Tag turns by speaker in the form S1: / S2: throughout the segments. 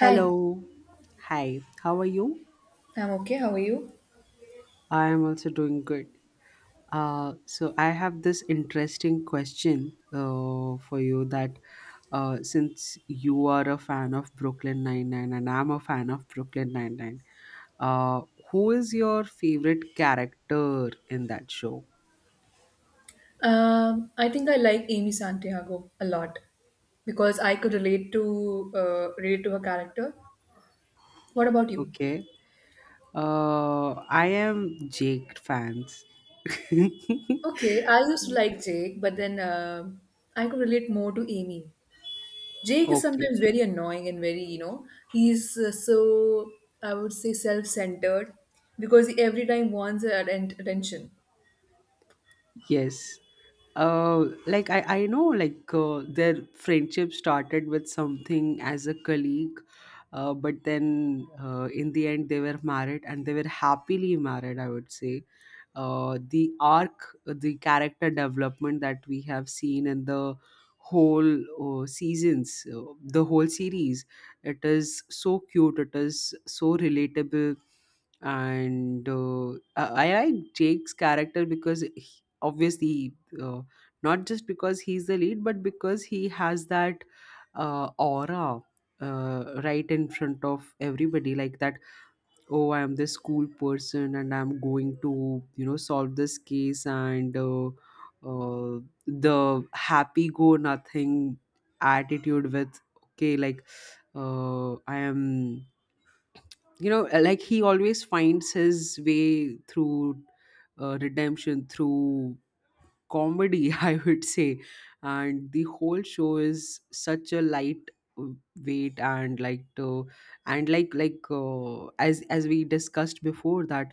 S1: Hi,
S2: Hi. How are you?
S1: I'm okay. How are you?
S2: I am also doing good. So I have this interesting question for you, that since you are a fan of Brooklyn Nine-Nine and I'm a fan of Brooklyn Nine-Nine, uh, who is your favorite character in that show?
S1: I think I like Amy Santiago a lot because I could relate to her character. What about you?
S2: Okay. Uh, I am Jake fans.
S1: Okay, I used to like Jake, but then I could relate more to Amy. Jake is
S2: Okay.
S1: sometimes very annoying and very, he's so I would say self-centered because he every time wants attention.
S2: Yes. Like, I know, like, their friendship started with something as a colleague, but then, in the end they were married and they were happily married, I would say. The arc, the character development that we have seen in the whole seasons, the whole series, it is so cute, it is so relatable. And I like Jake's character because obviously, uh, not just because he's the lead, but because he has that aura, right in front of everybody, like that. Oh, I am this cool person and I'm going to, you know, solve this case. And uh, the happy go nothing attitude, with okay, like, I am, you know, like, he always finds his way through redemption through comedy, I would say. And the whole show is such a light uh, weight. And like, and like as we discussed before, that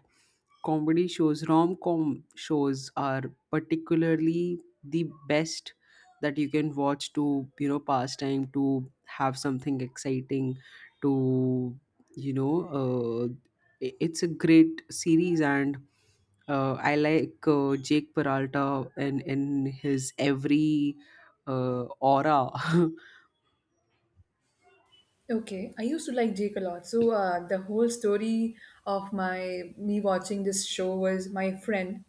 S2: comedy shows, rom com shows are particularly the best that you can watch to, you know, pass time, to have something exciting, to, you know, uh, it's a great series. And I like, Jake Peralta, and in his every aura.
S1: Okay, I used to like Jake a lot. So the whole story of my me watching this show was my friend,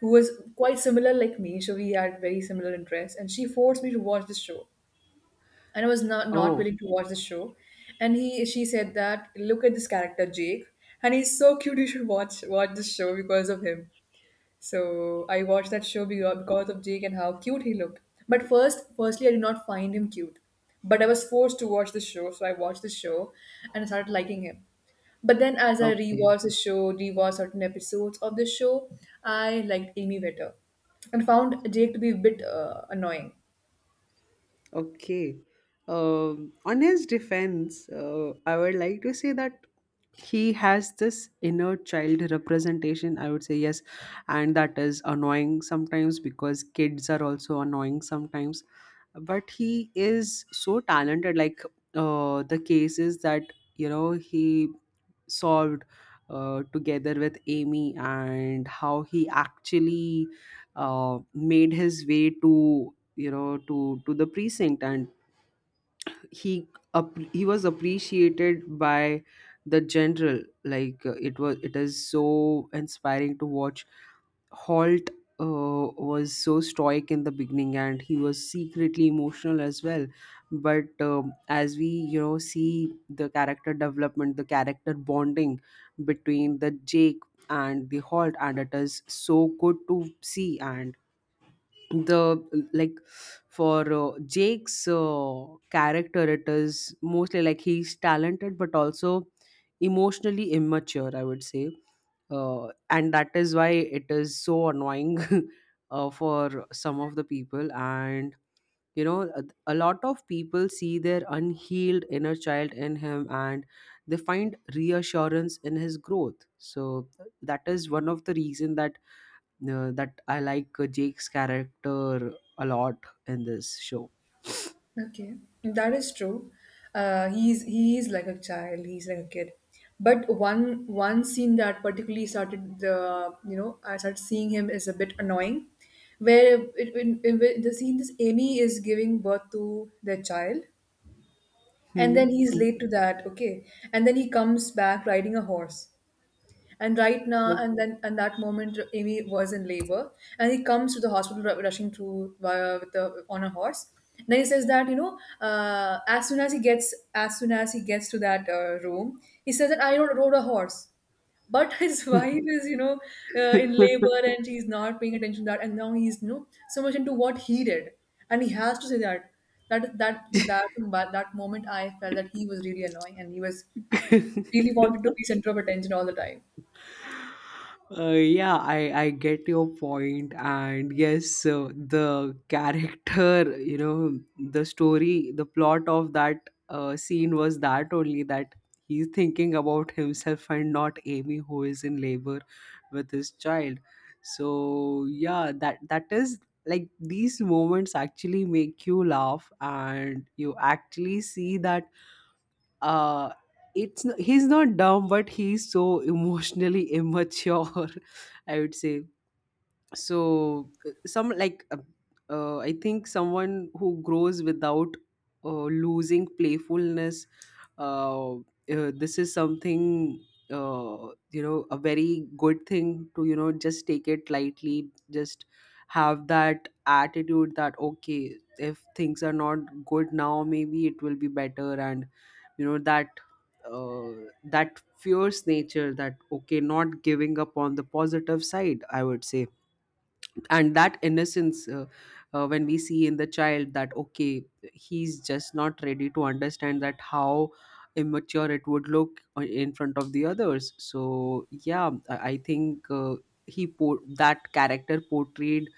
S1: who was quite similar like me. So we had very similar interests, and she forced me to watch this show, and I was not
S2: Oh,
S1: willing to watch the show. And he she said that look at this character Jake, and he's so cute. You should watch this show because of him. So I watched that show because of Jake and how cute he looked. But firstly, I did not find him cute. But I was forced to watch the show, so I watched the show and I started liking him. But then, as I
S2: okay.
S1: rewatched the show, rewatched certain episodes of the show, I liked Amy better and found Jake to be a bit annoying.
S2: Okay. On his defense, I would like to say that he has this inner child representation, I would say. Yes, and that is annoying sometimes because kids are also annoying sometimes. But he is so talented, like, the cases that, you know, he solved together with Amy, and how he actually made his way to, you know, to the precinct. And he he was appreciated by the general, like, it was, it is so inspiring to watch. Holt was so stoic in the beginning, and he was secretly emotional as well. But as we, you know, see the character development, the character bonding between the Jake and the Holt, and it is so good to see. And the like for Jake's character, it is mostly like he's talented but also emotionally immature, I would say. And that is why it is so annoying for some of the people. And you know, a lot of people see their unhealed inner child in him, and they find reassurance in his growth. So that is one of the reason that I like Jake's character a lot in this show.
S1: Okay, that is true. He's he is like a child. He's like a kid. But one scene that particularly started the you know I started seeing him is a bit annoying, where in the scene this Amy is giving birth to their child, and then
S2: Hmm.
S1: he's late to that. Okay, and then he comes back riding a horse. And right now, and then, and that moment, Amy was in labor, and he comes to the hospital rushing through via with the on a horse. And then he says that you know, as soon as he gets to that room, he says that rode a horse. But his wife is, you know, in
S2: Uh,
S1: labor and she's not paying attention to that, and now he's, you know, so much into what he did, and he has to say that moment I felt that he was really annoying and he was really wanted to be center of attention all the time.
S2: Yeah, I get your point, and yes, the character, you know, the story, the plot of that scene was that only, that he's thinking about himself and not Amy, who is in labor with his child. So yeah, that is, like, these moments actually make you laugh, and you actually see that uh he's not dumb, but he's so emotionally immature, I would say. So some, like, I think someone who grows without losing playfulness, uh, uh, this is something, you know, a very good thing to, you know, just take it lightly, just have that attitude that okay, if things are not good now, maybe it will be better. And you know that, that fierce nature, that okay, not giving up on the positive side, I would say. And that innocence, when we see in the child that okay, he's just not ready to understand that how immature it would look in front of the others. So yeah, I think that character portrayed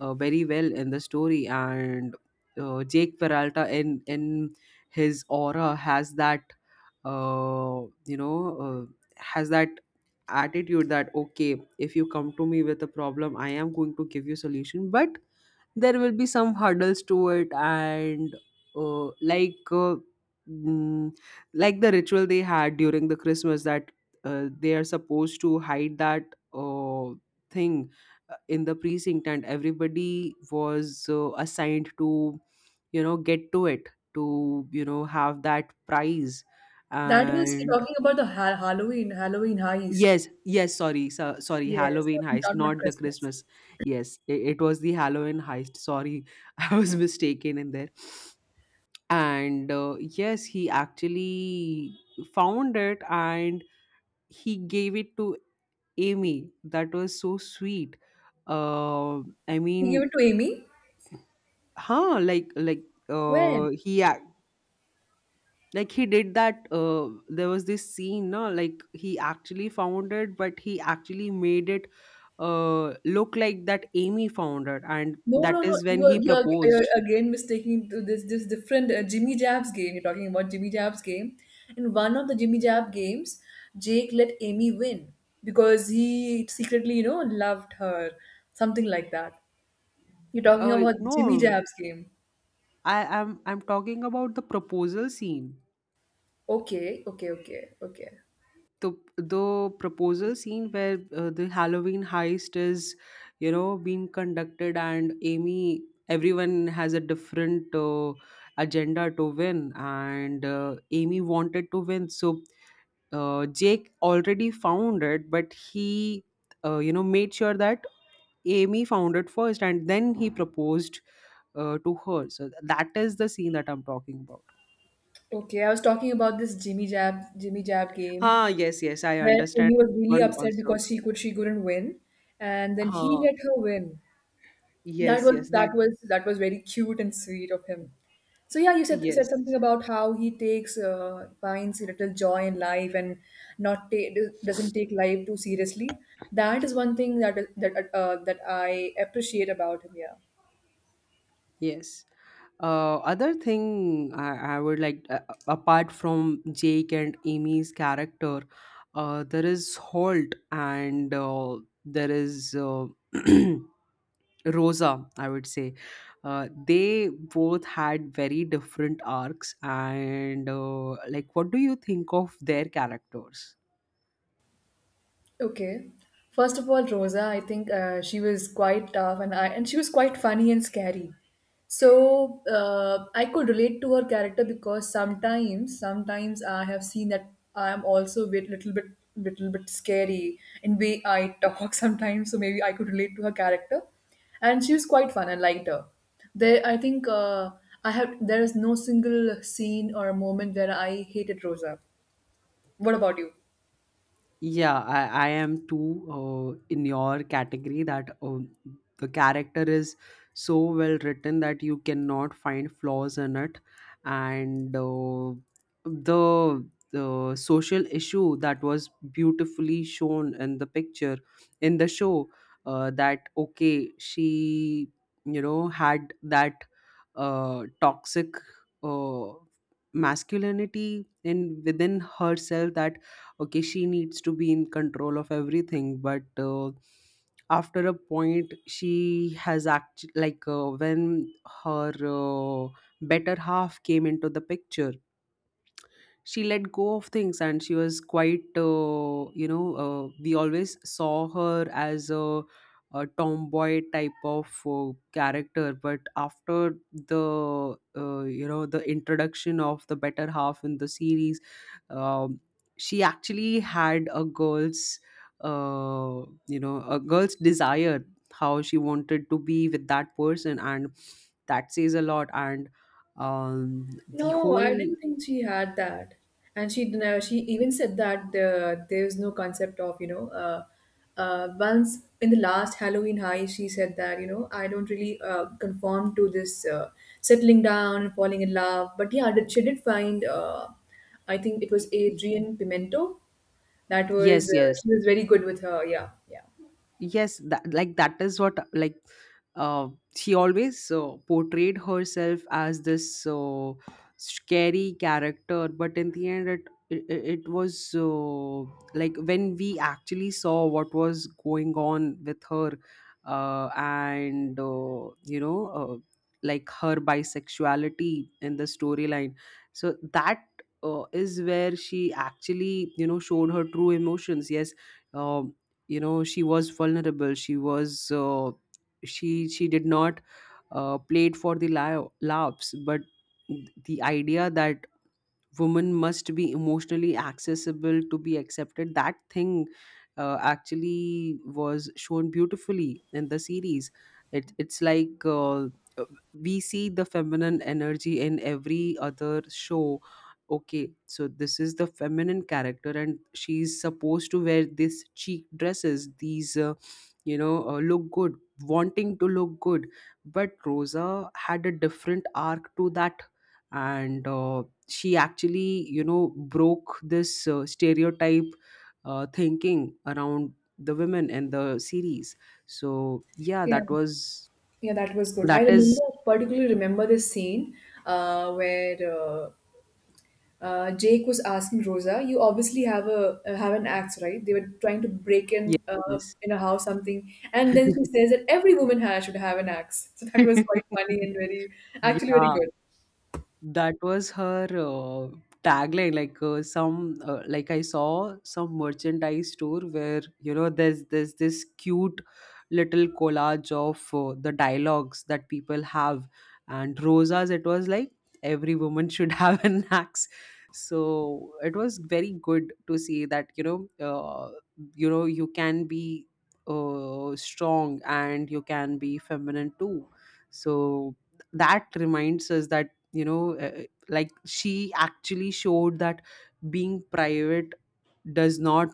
S2: very well in the story. And Jake Peralta in his aura has that, uh, you know, uh, has that attitude that okay, if you come to me with a problem, I am going to give you solution, but there will be some hurdles to it. And like, mm, like the ritual they had during the Christmas, that they are supposed to hide that uh, thing in the precinct, and everybody was assigned to, you know, get to it, to, you know, have that prize.
S1: That was you're
S2: And
S1: talking about the Halloween heist.
S2: yes, yes, sorry, so, sorry,
S1: Yes,
S2: Halloween heist,
S1: not
S2: not the
S1: Christmas.
S2: Christmas. Yes, it was the Halloween heist. Sorry, I was mistaken in there. And yes, he actually found it, and he gave it to Amy. That was so sweet. Uh, I
S1: You give
S2: mean,
S1: it to Amy?
S2: like, uh,
S1: When?
S2: he ac- like, he did that. There was this scene, no, like, he actually found it, but he actually made it look like that Amy found it, and
S1: No,
S2: that
S1: no, no.
S2: is when he
S1: You're
S2: proposed.
S1: again mistaking to this different Jimmy Jabs game. You're talking about Jimmy Jabs game. In one of the Jimmy Jab games, Jake let Amy win because he secretly, you know, loved her. Something like that. You're talking about Jimmy
S2: No,
S1: Jabs game.
S2: I'm talking about the proposal scene.
S1: Okay, okay, okay, okay.
S2: The proposal scene where the Halloween heist is, you know, being conducted, and Amy, everyone has a different agenda to win. And Amy wanted to win, so Jake already found it, but he, you know, made sure that Amy found it first, and then he proposed to her. So that is the scene that I'm talking about.
S1: Okay, I was talking about this Jimmy Jab game
S2: Ah, yes, yes, I
S1: where
S2: understand
S1: Amy was really
S2: one
S1: upset
S2: also.
S1: because she couldn't win, and then he
S2: Ah,
S1: let her win.
S2: yes, yes, that,
S1: That was very cute and sweet of him. So yeah, you
S2: yes,
S1: said something about how he takes finds little joy in life and not ta- doesn't take life too seriously. That is one thing that I appreciate about him. Yeah.
S2: yes. Other thing I would like, apart from Jake and Amy's character, there is Holt, and there is. Rosa, I would say. They both had very different arcs, and like, what do you think of their characters?
S1: Okay. First of all, Rosa, I think she was quite tough and she was quite funny and scary. So I could relate to her character because sometimes I have seen that I am also little bit scary in way I talk sometimes. So maybe I could relate to her character, and she was quite fun. I liked her. I think I have. There is no single scene or moment where I hated Rosa. What about you?
S2: Yeah, I am too, in your category, that the character is so well written that you cannot find flaws in it. And the the social issue that was beautifully shown in the picture, in the show, that okay, she, you know, had that toxic, uh, masculinity in within herself, that okay, she needs to be in control of everything. But after a point she has act, like, when her better half came into the picture, she let go of things. And she was quite, you know, we always saw her as a tomboy type of character. But after the you know, the introduction of the better half in the series, um, she actually had a girl's, uh, you know, a girl's desire, how she wanted to be with that person. And that says a lot. And um, the
S1: No, I
S2: whole
S1: didn't think she had that. And she even said that there is no concept of, you know, once in the last Halloween high, she said that, you know, I don't really conform to this settling down and falling in love. But yeah, she did find, I think it was
S2: y- y-
S1: Adrian Pimento. That was,
S2: yes, yes,
S1: she was very good with her. Yeah, yeah.
S2: yes, that, like, that is what, like, uh, she always portrayed herself as this scary character. But in the end, it was like, when we actually saw what was going on with her, and you know, like, her bisexuality in the storyline. So that is where she actually, you know, showed her true emotions. Yes, um you know, she was vulnerable. She was, she did not play it for the laughs. But the idea that women must be emotionally accessible to be accepted, that thing actually was shown beautifully in the series. It's like, uh, we see the feminine energy in every other show. Okay, so this is the feminine character, and she's supposed to wear this cheek dresses, these, you know, look good, wanting to look good. But Rosa had a different arc to that. And she actually, you know, broke this stereotype thinking around the women in the series. So yeah,
S1: Yeah,
S2: that was,
S1: yeah, that was good. I
S2: that is,
S1: remember particularly remember this scene where uh, Jake was asking Rosa, "You obviously have a have an axe, right?" They were trying to break
S2: yes,
S1: in a house something, and then she
S2: yes.
S1: says that every woman has should have an axe. So that was quite funny and very actually very
S2: Yeah,
S1: good.
S2: that was her tagline, like, some, like, I saw some merchandise store where, you know, there's this cute little collage of the dialogues that people have. And Rosa's, it was like, every woman should have an axe. So it was very good to see that, you know, you know, you can be strong and you can be feminine too. So that reminds us that, you know, like, she actually showed that being private does not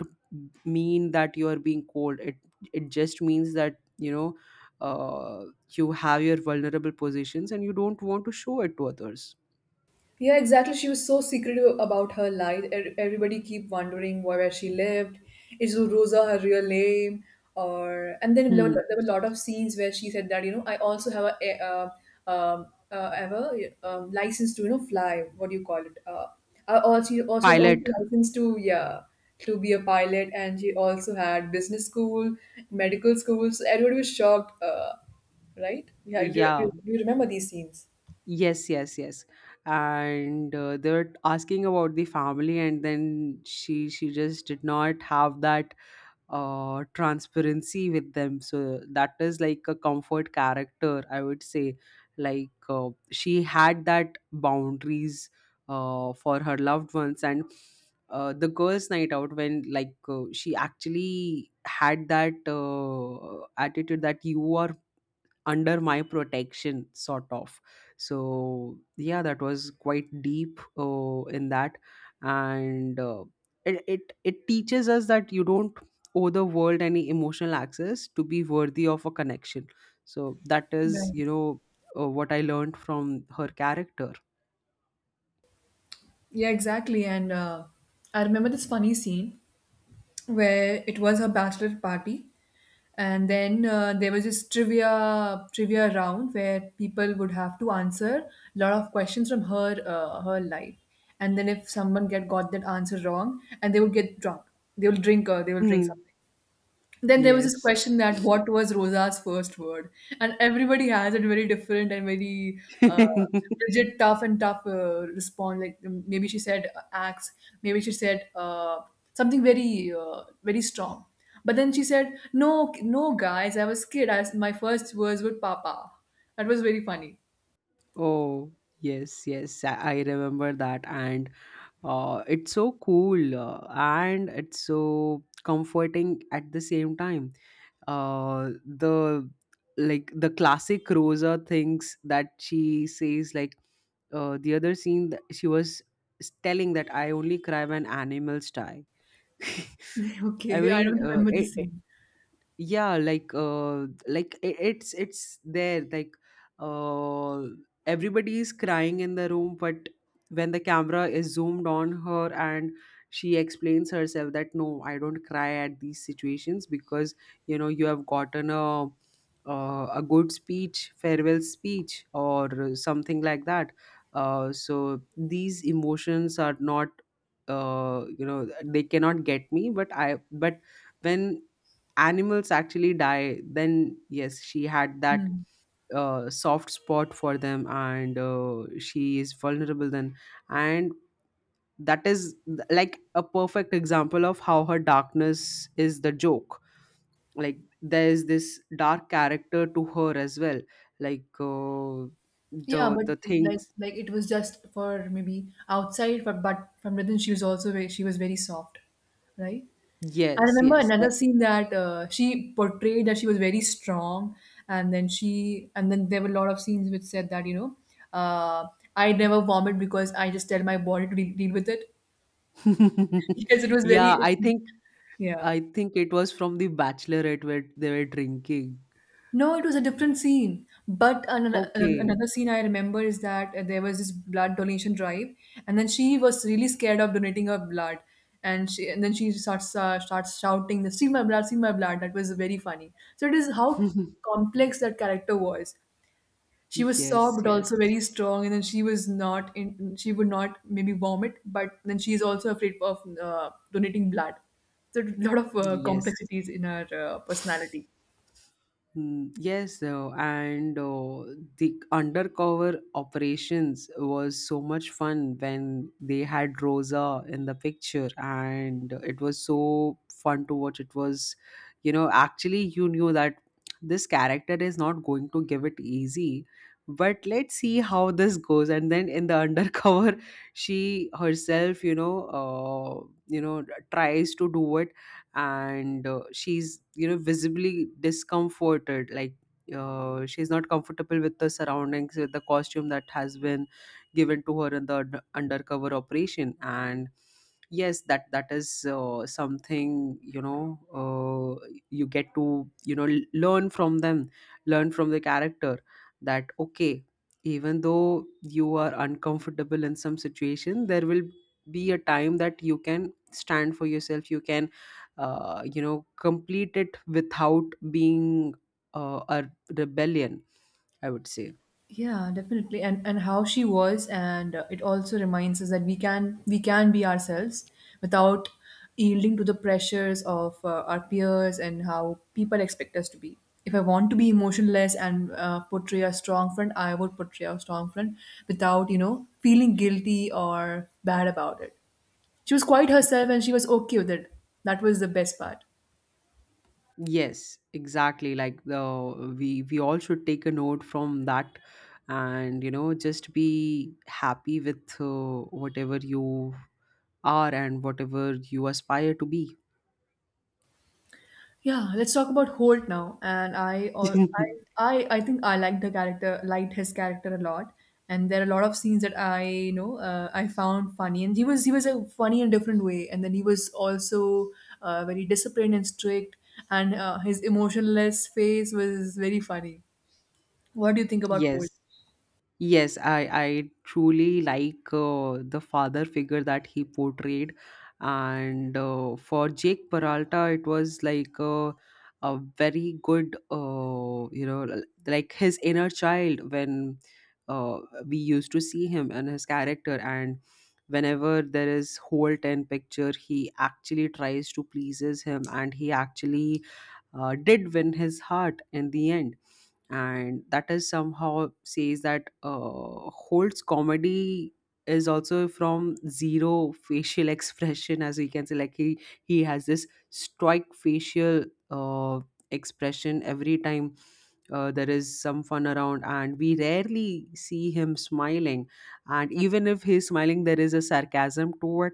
S2: mean that you are being cold. It just means that, you know, uh, you have your vulnerable positions and you don't want to show it to others.
S1: Yeah, exactly. She was so secretive about her life. E- Everybody keep wondering where she lived. Is Rosa her real name? Or and then
S2: Hmm.
S1: there were a lot of scenes where she said that you know I also have a um, have a license to you know fly. What do you call it? I also she also was also
S2: Pilot.
S1: licensed to yeah to be a pilot, and she also had business school, medical school. So everybody was shocked, right? Yeah, you
S2: Yeah.
S1: do you remember these scenes?
S2: Yes, yes, yes. And they're asking about the family, and then she just did not have that transparency with them. So that is like a comfort character, I would say. She had that boundaries for her loved ones, and the girls' night out when she actually had that attitude that you are under my protection sort of, so yeah, that was quite deep in that and it teaches us that you don't owe the world any emotional access to be worthy of a connection. So that is
S1: Right.
S2: what I learned from her character.
S1: Yeah, exactly. And I remember this funny scene where it was her bachelor party, and then there was this trivia round where people would have to answer a lot of questions from her life, and then if someone get got that answer wrong, and they would get drunk, they will drink
S2: Hmm.
S1: something. Then there was this
S2: Yes.
S1: question that what was Rosa's first word? And everybody has it very different and very uh, rigid, tough and tough response. Like maybe she said axe, maybe she said something very strong. But then she said, "No, no, guys, I was kid. I, my first words were papa." That was very funny.
S2: Oh, yes, yes, I remember that. And it's so cool and it's so comforting at the same time. The Like the classic Rosa things that she says, like the other scene, that she was telling that I only cry when animals die. I
S1: Okay, I
S2: mean,
S1: don't remember the scene.
S2: yeah, it's there. Uh everybody is crying in the room, but when the camera is zoomed on her, and she explains herself that no, I don't cry at these situations because you know, you have gotten a good speech, farewell speech or something like that. So these emotions are not you know, they cannot get me, but when animals actually die, then yes, she had that
S1: Hmm.
S2: soft spot for them, and she is vulnerable then. And that is like a perfect example of how her darkness is the joke. Like, there is this dark character to her as well. Like, uh,
S1: Yeah, but
S2: the
S1: like
S2: things.
S1: like it was just for maybe outside, but from within she was also she was very soft, right? I
S2: Yes,
S1: remember
S2: yes.
S1: another scene that she portrayed that she was very strong, and then she and then there were a lot of scenes which said that you know uh, I never vomit because I just tell my body to deal with it. Yes, it was
S2: Yeah,
S1: very
S2: I think
S1: yeah.
S2: it was from the bachelorette where they were drinking.
S1: No, it was a different scene. But
S2: Okay.
S1: another scene I remember is that there was this blood donation drive, and then she was really scared of donating her blood, and she starts starts shouting, "The see my blood, see my blood." That was very funny. So it is how complex that character was. She was soft
S2: Yes,
S1: but
S2: yes,
S1: also very strong, and then she was not in. She would not maybe vomit, but then she is also afraid of donating blood. So a lot of
S2: yes.
S1: complexities in her personality.
S2: Mm, yes. And the undercover operations was so much fun when they had Rosa in the picture, and it was so fun to watch. It was, you know, actually, you knew that this character is not going to give it easy, but let's see how this goes. And then in the undercover, she herself, tries to do it, and she's, you know, visibly discomforted. She's not comfortable with the surroundings, with the costume that has been given to her in the undercover operation. And yes, that is something, you get to, you know, learn from them, learn from the character that okay, even though you are uncomfortable in some situation, there will be a time that you can stand for yourself. You can complete it without being a rebellion, I would say.
S1: Yeah, definitely. And how she was, and it also reminds us that we can be ourselves without yielding to the pressures of our peers and how people expect us to be. If I want to be emotionless and portray a strong front, I would portray a strong front without you know feeling guilty or bad about it. She was quite herself, and she was okay with it. That was the best part.
S2: Yes, exactly, like the we all should take a note from that and you know, just be happy with whatever you are and whatever you aspire to be.
S1: Yeah, let's talk about Holt now. And I, al- I think I liked liked his character a lot. And there are a lot of scenes that I, you know, I found funny. And he was a funny in a different way. And then he was also very disciplined and strict. And his emotionless face was very funny. What do you think about Holt?
S2: Yes. Yes, I truly like the father figure that he portrayed, and for Jake Peralta, it was like a very good, you know, like his inner child. When uh, we used to see him and his character, and whenever there is Holt and picture, he actually tries to pleases him, and he actually did win his heart in the end. And that is somehow says that Holt's comedy is also from zero facial expression, as we can say. Like he has this stoic facial uh, expression every time there is some fun around, and we rarely see him smiling. And even if he's smiling, there is a sarcasm to it.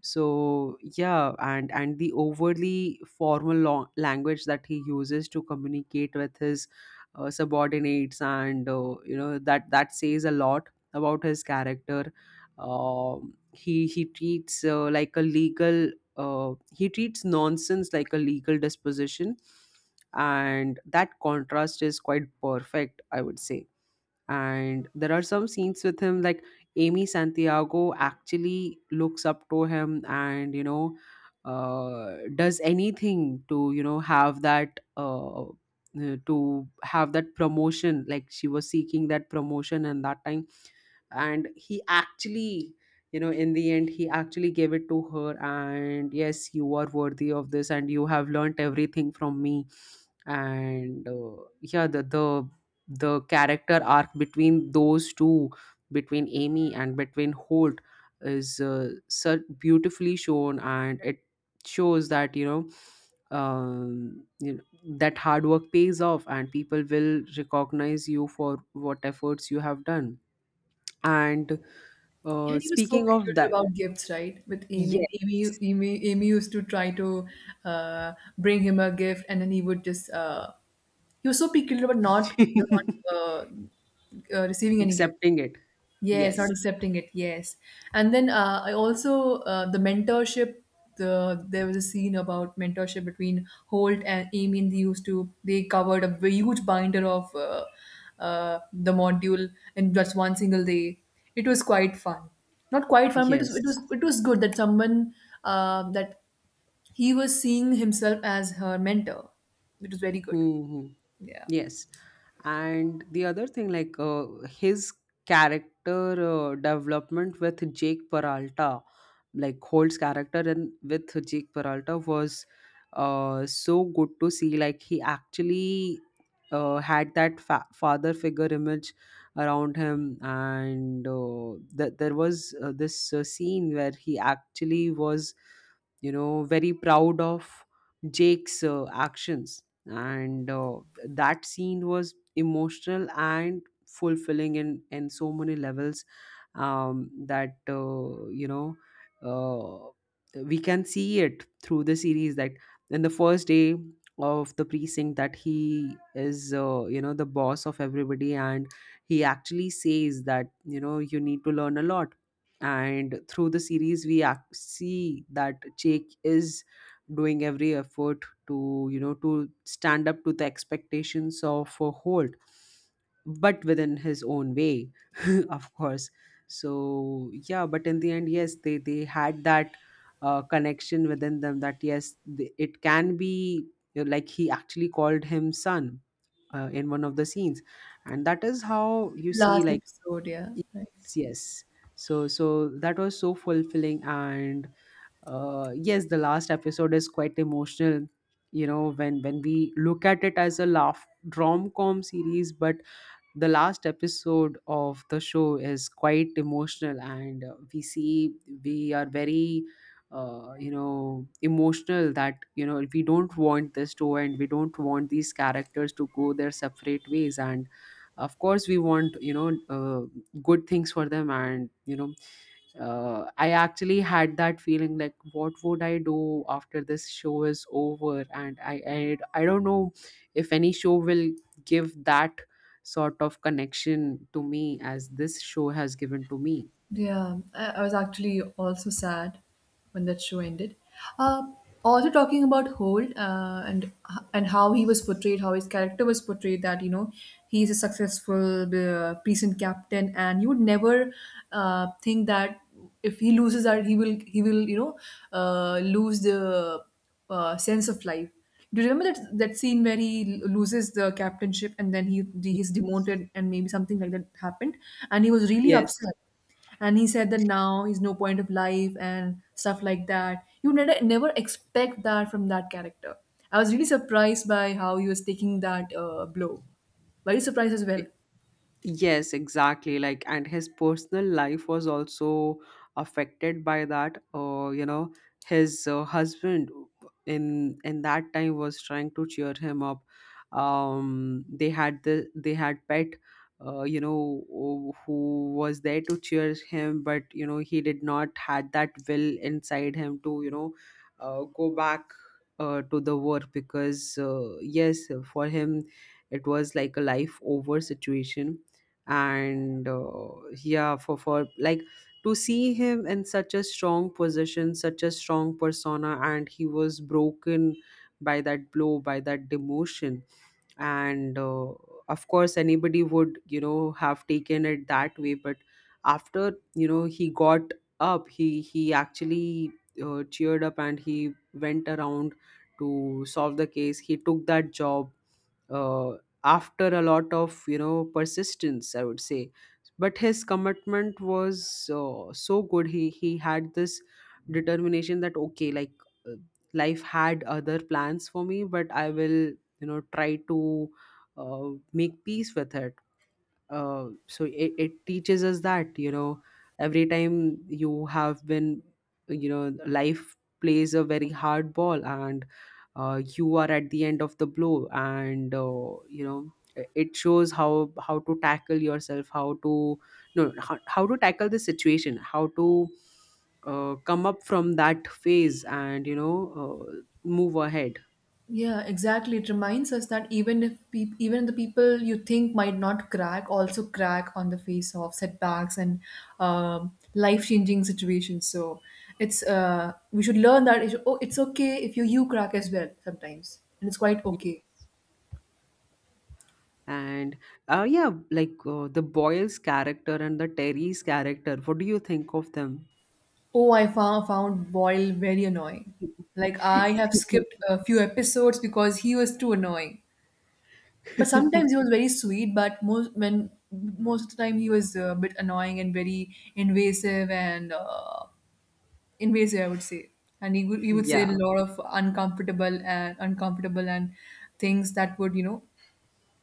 S2: So yeah, and the overly formal language that he uses to communicate with his subordinates, and that that says a lot about his character. He treats like a legal he treats nonsense like a legal disposition, and that contrast is quite perfect, I would say. And there are some scenes with him, like Amy Santiago actually looks up to him, and you know, does anything to, you know, have that to have that promotion. Like she was seeking that promotion and that time. And he actually, you know, in the end, he actually gave it to her, and yes, you are worthy of this, and you have learnt everything from me. And yeah, the character arc between those two, between Amy and between Holt, is so beautifully shown, and it shows that, you know, you know, that hard work pays off and people will recognize you for what efforts you have done. And
S1: And he was so
S2: speaking of
S1: peculiar
S2: that,
S1: about gifts, right? With Amy,
S2: yes.
S1: and Amy, Amy, Amy used to try to uh, bring him a gift, and then he would just He was so picky about not receiving any gift.
S2: Accepting it.
S1: Yes, not
S2: Yes,
S1: accepting it. Yes, and then I also the mentorship. There was a scene about mentorship between Holt and Amy, and they used to they covered a huge binder of the module in just one single day. It was quite fun, not quite fun, but
S2: yes.
S1: it was good that someone that he was seeing himself as her mentor. It was very good.
S2: Hmm, hmm.
S1: Yeah.
S2: Yes. And the other thing, like his character development with Jake Peralta, like Holt's character and with Jake Peralta was so good to see. Like he actually had that father figure image around him, and that there was this scene where he actually was, you know, very proud of Jake's actions. And that scene was emotional and fulfilling in so many levels. That you know, we can see it through the series that in the first day of the precinct, that he is, you know, the boss of everybody, and he actually says that, you know, you need to learn a lot. And through the series, we see that Jake is doing every effort to, you know, to stand up to the expectations of Holt, but within his own way, of course. So yeah, but in the end, yes, they had that connection within them that yes, it can be, you know, like he actually called him son in one of the scenes, and that is how you
S1: The
S2: see.
S1: last
S2: Like
S1: episode, yeah. Right.
S2: yes, yes. So that was so fulfilling. And yes, the last episode is quite emotional. You know, when we look at it as a laugh rom-com series, but the last episode of the show is quite emotional. And we see, we are very you know, emotional that, you know, we don't want this to end. We don't want these characters to go their separate ways. And of course, we want, you know, good things for them. And you know, I actually had that feeling like, what would I do after this show is over? And I don't know if any show will give that sort of connection to me as this show has given to me.
S1: Yeah, I was actually also sad when that show ended. Uh, also talking about Holt and how he was portrayed, how his character was portrayed. That you know he's a successful decent captain, and you would never think that if he loses that he will you know lose the sense of life. Do you remember that scene where he loses the captainship and then he
S2: Y-
S1: he's demoted and maybe something like that happened, and he was really
S2: Yes.
S1: upset and he said that now he's no point of life and stuff like that. You never expect that from that character. I was really surprised by how he was taking that blow. Very surprised as well.
S2: Yes, exactly. Like, and his personal life was also affected by that. You know, his husband in that time was trying to cheer him up. They had the they had pet. You know, who was there to cheer him, but you know, he did not had that will inside him to, you know, go back to the work, because yes, for him, it was like a life over situation. And yeah, for like, to see him in such a strong position, such a strong persona, and he was broken by that blow, by that demotion. And of course, anybody would, you know, have taken it that way. But after, you know, he got up, he actually cheered up, and he went around to solve the case. He took that job uh, after a lot of, you know, persistence, I would say. But his commitment was so good. He had this determination that okay, like, uh, life had other plans for me, but I will, you know, try to make peace with it. So it teaches us that, you know, every time you have been, you know, life plays a very hard ball, and you are at the end of the blow, and you know, it shows how, to tackle yourself, how to, no, how to tackle the situation, how to come up from that phase, and you know, uh, move ahead.
S1: Yeah, exactly, it reminds us that even if peop even the people you think might not crack also crack on the face of setbacks and life changing situations. So it's we should learn that it's, oh, it's okay if you crack as well sometimes and it's quite okay.
S2: And yeah, like the Boyle's character and the Terry's character, what do you think of them?
S1: Oh, I found Boyle very annoying. Like I have skipped a few episodes because he was too annoying. But sometimes he was very sweet, but most when most of the time he was a bit annoying and very invasive and I would say. And he would say a
S2: Yeah,
S1: lot of uncomfortable and things that would you know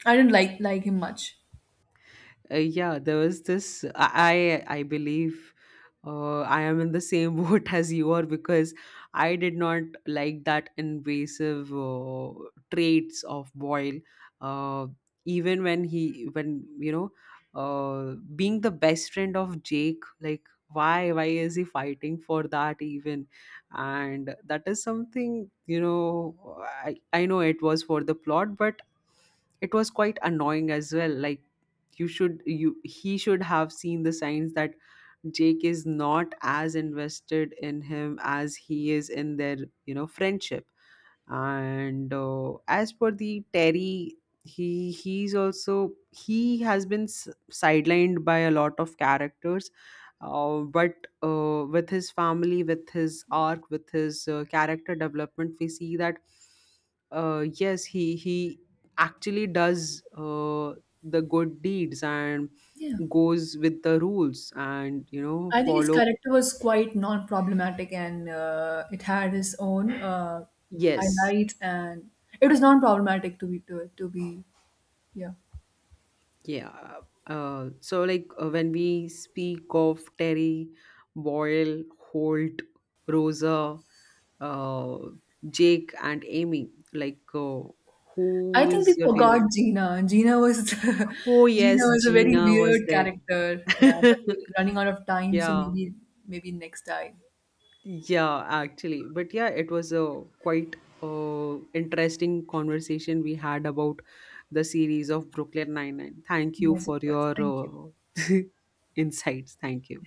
S1: I didn't like him much.
S2: yeah. There was this. I believe, I am in the same boat as you are, because I did not like that invasive traits of Boyle. Uh, even when, you know, being the best friend of Jake, like why is he fighting for that even? And that is something, you know. I know it was for the plot, but it was quite annoying as well. Like you should you he should have seen the signs that Jake is not as invested in him as he is in their, you know, friendship. And as per the Terry, he he's also he has been sidelined by a lot of characters, but with his family, with his arc, with his character development, we see that yes, he actually does the good deeds and
S1: Yeah.
S2: goes with the rules and you know,
S1: I think his
S2: follow.
S1: character was quite non-problematic, and it had his own
S2: Yes.
S1: highlights, and it was non-problematic to be, yeah.
S2: Yeah, when we speak of Terry, Boyle, Holt, Rosa, uh, Jake and Amy, like,
S1: I
S2: who
S1: think
S2: is
S1: we
S2: your favorite?
S1: forgot Gina. Gina was
S2: Oh
S1: Gina
S2: yes,
S1: was a very
S2: Gina was
S1: weird
S2: there.
S1: character. Yeah, but we're running out of time, so
S2: Yeah,
S1: maybe next time.
S2: yeah, actually, but yeah, it was a quite interesting conversation we had about the series of Brooklyn Nine Nine. Thank you
S1: Yes, it
S2: for
S1: was.
S2: your
S1: Thank you.
S2: insights. Thank you.